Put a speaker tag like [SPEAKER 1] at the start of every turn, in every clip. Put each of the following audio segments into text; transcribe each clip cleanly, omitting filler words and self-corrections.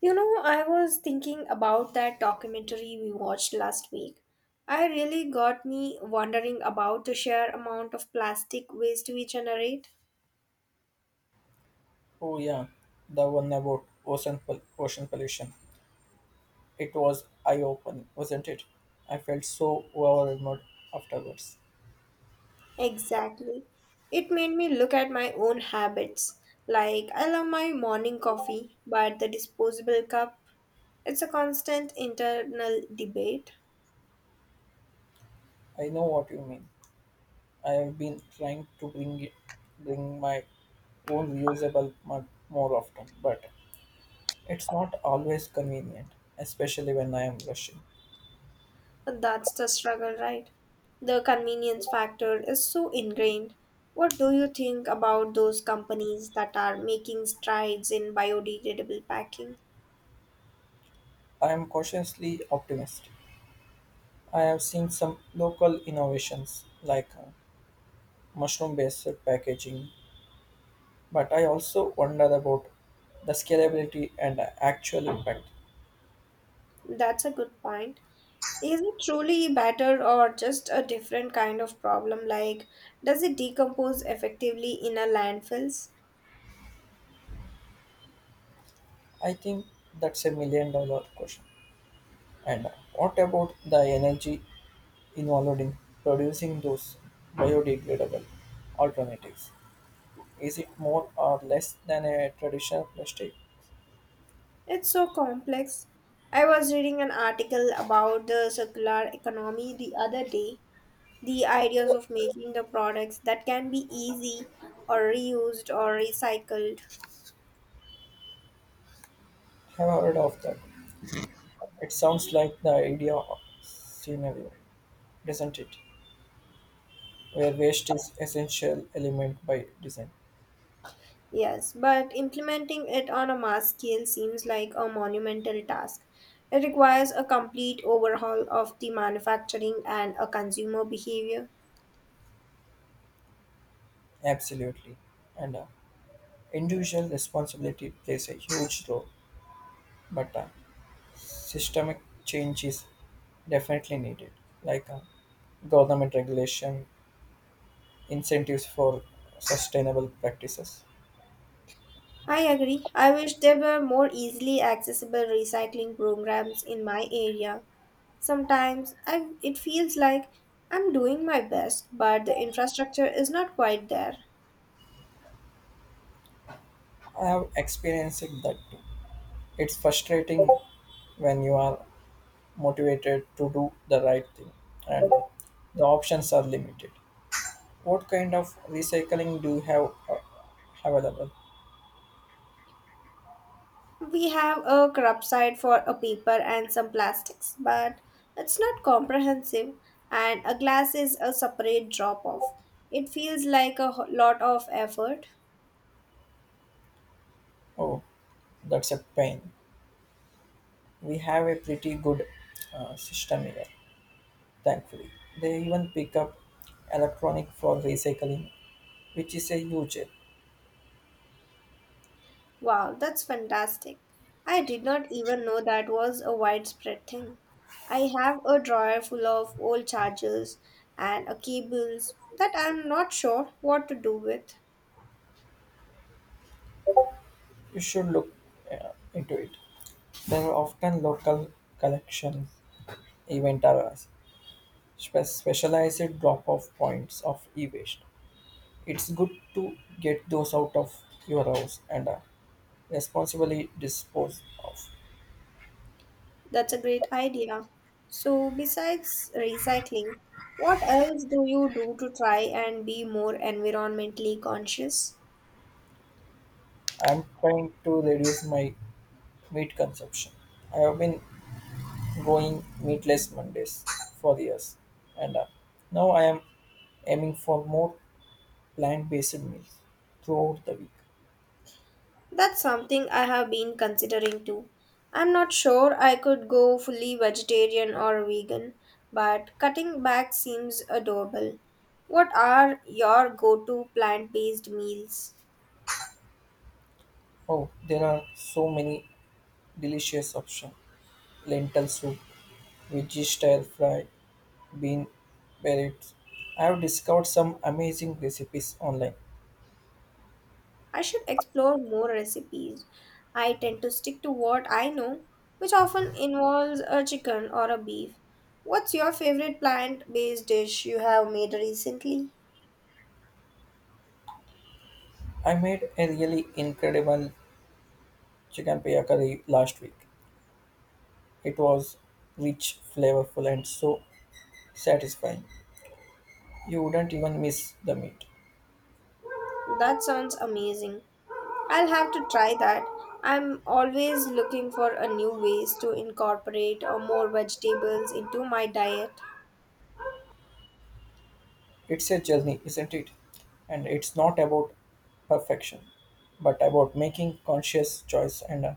[SPEAKER 1] You know, I was thinking about that documentary we watched last week. I really got me wondering about the sheer amount of plastic waste we generate.
[SPEAKER 2] Oh yeah, the one about ocean pollution. It was eye-opening, wasn't it? I felt so overwhelmed afterwards.
[SPEAKER 1] Exactly. It made me look at my own habits. Like, I love my morning coffee, but the disposable cup, it's a constant internal debate.
[SPEAKER 2] I know what you mean. I have been trying to bring my own reusable mug more often, but it's not always convenient, especially when I am rushing.
[SPEAKER 1] And that's the struggle, right? The convenience factor is so ingrained. What do you think about those companies that are making strides in biodegradable packing?
[SPEAKER 2] I am cautiously optimistic. I have seen some local innovations like mushroom-based packaging. But I also wonder about the scalability and the actual impact.
[SPEAKER 1] That's a good point. Is it truly better or just a different kind of problem? Like, does it decompose effectively in a landfills?
[SPEAKER 2] I think that's a million dollar question. And what about the energy involved in producing those biodegradable alternatives? Is it more or less than a traditional plastic?
[SPEAKER 1] It's so complex. I was reading an article about the circular economy the other day, the ideas of making the products that can be easy or reused or recycled.
[SPEAKER 2] Have I heard of that? It sounds like the idea of scenario, doesn't it? Where waste is essential element by design.
[SPEAKER 1] Yes, but implementing it on a mass scale seems like a monumental task. It requires a complete overhaul of the manufacturing and a consumer behavior.
[SPEAKER 2] Absolutely. And individual responsibility plays a huge role, but systemic change is definitely needed, like government regulation, incentives for sustainable practices.
[SPEAKER 1] I agree. I wish there were more easily accessible recycling programs in my area. Sometimes it feels like I'm doing my best, but the infrastructure is not quite there.
[SPEAKER 2] I have experienced that too. It's frustrating when you are motivated to do the right thing and the options are limited. What kind of recycling do you have available?
[SPEAKER 1] We have a crop site for a paper and some plastics, but it's not comprehensive, and a glass is a separate drop off. It feels like a lot of effort.
[SPEAKER 2] Oh, that's a pain. We have a pretty good system here, thankfully. They even pick up electronic for recycling, which is a huge help.
[SPEAKER 1] Wow, that's fantastic. I did not even know that was a widespread thing. I have a drawer full of old chargers and a cables that I'm not sure what to do with.
[SPEAKER 2] You should look into it. There are often local collection event or specialized drop-off points of e-waste. It's good to get those out of your house and responsibly dispose of.
[SPEAKER 1] That's a great idea. So, besides recycling, what else do you do to try and be more environmentally conscious?
[SPEAKER 2] I'm trying to reduce my meat consumption. I have been going meatless Mondays for years, and now I am aiming for more plant-based meals throughout the week.
[SPEAKER 1] That's something I have been considering too. I'm not sure I could go fully vegetarian or vegan, but cutting back seems adorable. What are your go to plant based meals?
[SPEAKER 2] Oh, there are so many delicious options: lentil soup, veggie style fry, bean berets. I have discovered some amazing recipes online.
[SPEAKER 1] I should explore more recipes. I tend to stick to what I know, which often involves a chicken or a beef. What's your favorite plant based dish you have made recently?
[SPEAKER 2] I made a really incredible chicken pea curry last week. It was rich, flavorful, and so satisfying. You wouldn't even miss the meat.
[SPEAKER 1] That sounds amazing. I'll have to try that. I'm always looking for a new ways to incorporate more vegetables into my diet.
[SPEAKER 2] It's a journey, isn't it? And it's not about perfection, but about making conscious choice and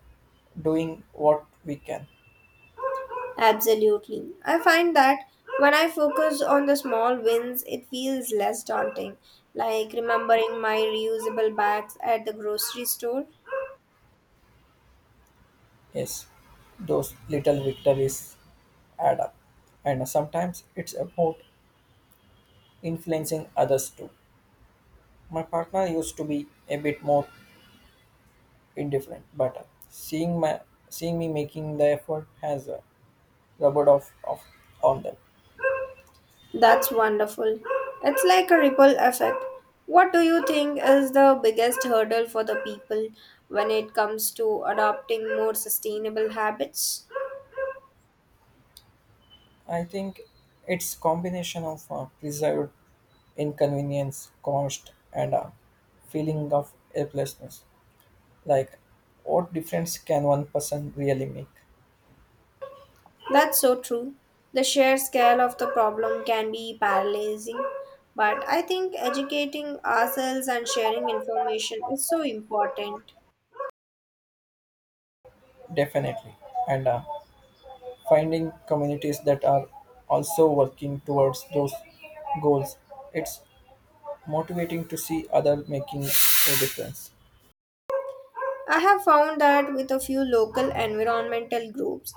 [SPEAKER 2] doing what we can.
[SPEAKER 1] Absolutely. I find that when I focus on the small wins, it feels less daunting, like remembering my reusable bags at the grocery store.
[SPEAKER 2] Yes, those little victories add up. And sometimes it's about influencing others too. My partner used to be a bit more indifferent, but seeing my seeing me making the effort has rubbed off on them.
[SPEAKER 1] That's wonderful. It's like a ripple effect. What do you think is the biggest hurdle for the people when it comes to adopting more sustainable habits?
[SPEAKER 2] I think it's combination of preserved inconvenience, cost, and a feeling of helplessness. Like, what difference can one person really make?
[SPEAKER 1] That's so true. The sheer scale of the problem can be paralyzing, but I think educating ourselves and sharing information is so important.
[SPEAKER 2] Definitely. And finding communities that are also working towards those goals. It's motivating to see other making a difference.
[SPEAKER 1] I have found that with a few local environmental groups,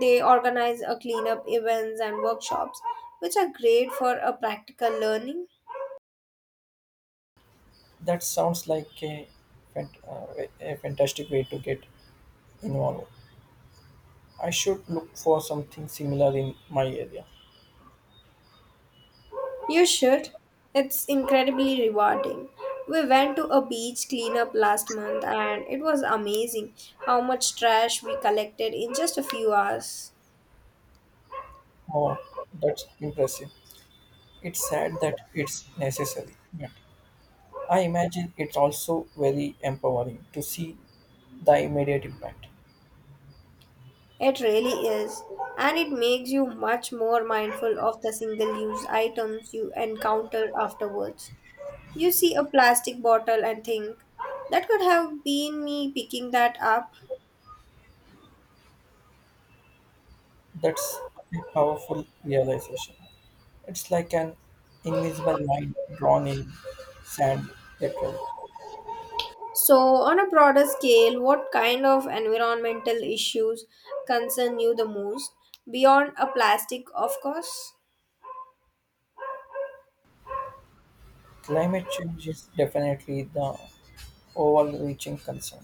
[SPEAKER 1] they organize a cleanup events and workshops, which are great for a practical learning.
[SPEAKER 2] That sounds like a fantastic way to get involved. I should look for something similar in my area.
[SPEAKER 1] You should. It's incredibly rewarding. We went to a beach cleanup last month and it was amazing how much trash we collected in just a few hours.
[SPEAKER 2] Oh, that's impressive. It's sad that it's necessary. Yeah. I imagine it's also very empowering to see the immediate impact.
[SPEAKER 1] It really is. And it makes you much more mindful of the single use items you encounter afterwards. You see a plastic bottle and think, that could have been me picking that up.
[SPEAKER 2] That's a powerful realization. It's like an invisible line drawn in sand, literally.
[SPEAKER 1] So, on a broader scale, what kind of environmental issues concern you the most? Beyond a plastic, of course.
[SPEAKER 2] Climate change is definitely the overreaching concern.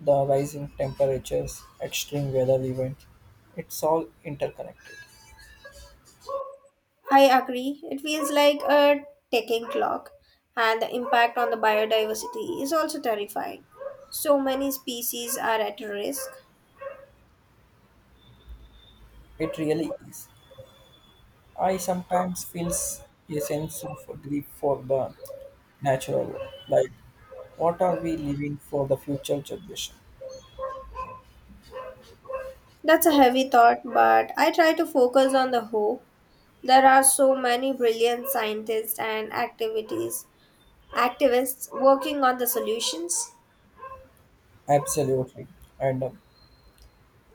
[SPEAKER 2] The rising temperatures, extreme weather events, it's all interconnected.
[SPEAKER 1] I agree. It feels like a ticking clock, and the impact on the biodiversity is also terrifying. So many species are at risk.
[SPEAKER 2] It really is. I sometimes feel a sense of grief for the natural world. Like, what are we leaving for the future generation?
[SPEAKER 1] That's a heavy thought, but I try to focus on the hope. There are so many brilliant scientists and activists working on the solutions.
[SPEAKER 2] Absolutely. And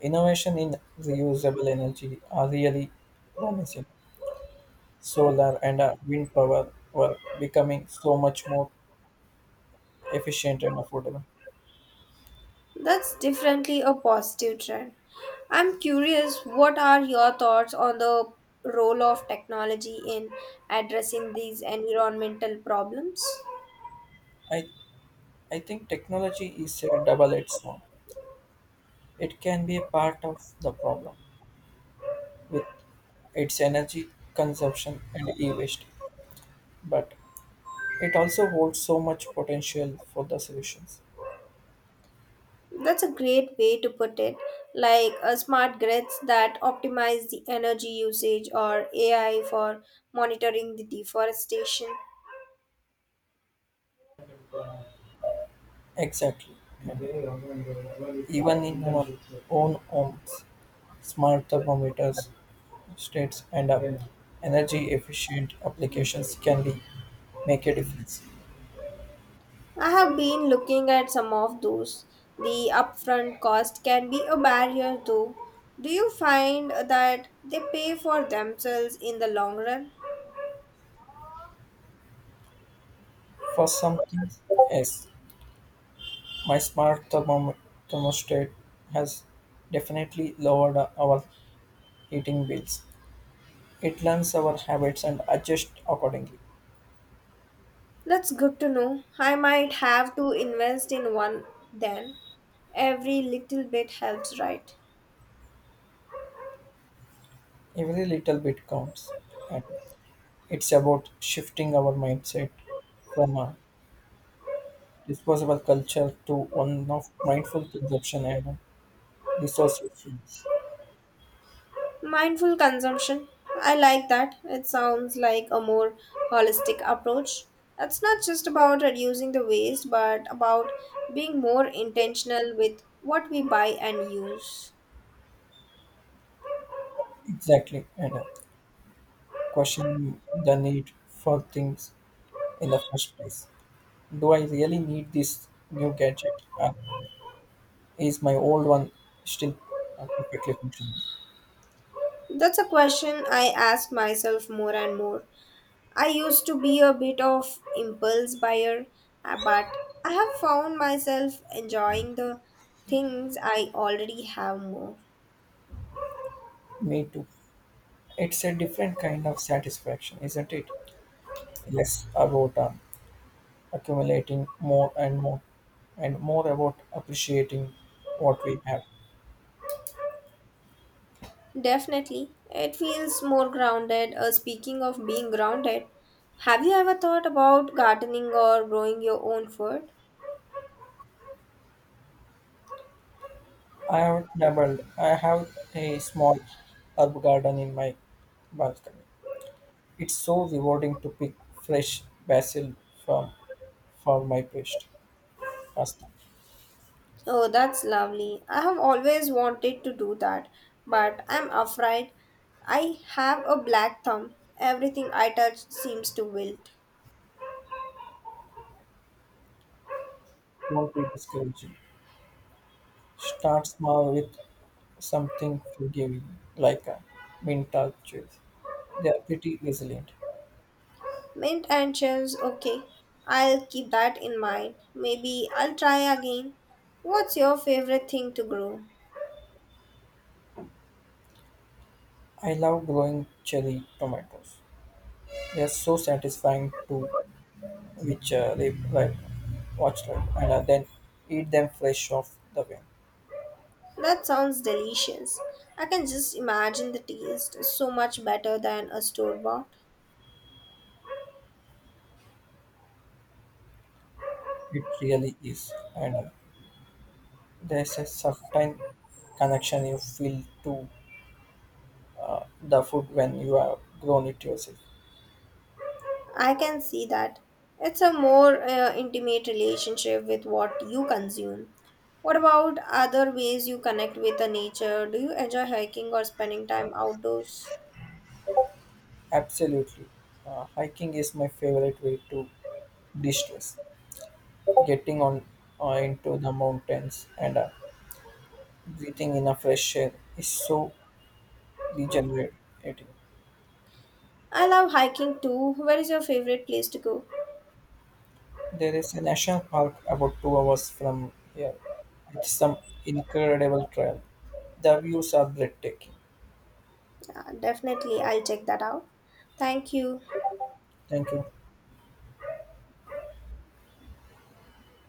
[SPEAKER 2] innovation in reusable energy are really promising. Solar and wind power were becoming so much more efficient and affordable.
[SPEAKER 1] That's definitely a positive trend. I'm curious, what are your thoughts on the role of technology in addressing these environmental problems?
[SPEAKER 2] I, I think technology is a double-edged sword. It can be a part of the problem with its energy consumption and e-waste, but it also holds so much potential for the solutions.
[SPEAKER 1] That's a great way to put it, like a smart grids that optimize the energy usage or AI for monitoring the deforestation.
[SPEAKER 2] Exactly. Even in our own homes, smart thermometers, states, and energy efficient applications can be make a difference.
[SPEAKER 1] I have been looking at some of those. The upfront cost can be a barrier though. Do you find that they pay for themselves in the long run?
[SPEAKER 2] For some things, yes, my thermostat has definitely lowered our heating bills. It learns our habits and adjusts accordingly.
[SPEAKER 1] That's good to know. I might have to invest in one then. Every little bit helps, right?
[SPEAKER 2] Every little bit counts. It's about shifting our mindset from a disposable culture to one of mindful consumption and resource efficiency.
[SPEAKER 1] Mindful consumption. I like that. It sounds like a more holistic approach. It's not just about reducing the waste, but about being more intentional with what we buy and use.
[SPEAKER 2] Exactly, and question the need for things in the first place. Do I really need this new gadget? Is my old one still perfectly functional?
[SPEAKER 1] That's a question I ask myself more and more. I used to be a bit of impulse buyer, but I have found myself enjoying the things I already have more.
[SPEAKER 2] Me too. It's a different kind of satisfaction, isn't it? Less about accumulating more and more and more about appreciating what we have.
[SPEAKER 1] Definitely. It feels more grounded. Speaking of being grounded, have you ever thought about gardening or growing your own food?
[SPEAKER 2] I have doubled. I have a small herb garden in my balcony. It's so rewarding to pick fresh basil from for my paste pasta.
[SPEAKER 1] Oh, that's lovely. I have always wanted to do that, but I'm afraid I have a black thumb. Everything I touch seems to wilt.
[SPEAKER 2] Don't be discouraging. Start small with something forgiving, like a mint or cheese. They are pretty resilient.
[SPEAKER 1] Mint and shells, okay. I'll keep that in mind. Maybe I'll try again. What's your favorite thing to grow?
[SPEAKER 2] I love growing cherry tomatoes. They are so satisfying to which they like watch like and then eat them flesh off the way.
[SPEAKER 1] That sounds delicious. I can just imagine the taste is so much better than a store bought.
[SPEAKER 2] It really is and there's a certain connection you feel to the food when you have grown it yourself.
[SPEAKER 1] I can see that. It's a more intimate relationship with what you consume. What about other ways you connect with the nature? Do you enjoy hiking or spending time outdoors?
[SPEAKER 2] Absolutely. Hiking is my favorite way to de-stress, getting on into the mountains and breathing in a fresh air is so regenerating.
[SPEAKER 1] I love hiking too. Where is your favorite place to go?
[SPEAKER 2] There is a national park about 2 hours from here with some incredible trail. The views are breathtaking.
[SPEAKER 1] Definitely, I'll check that out. Thank you.
[SPEAKER 2] Thank you.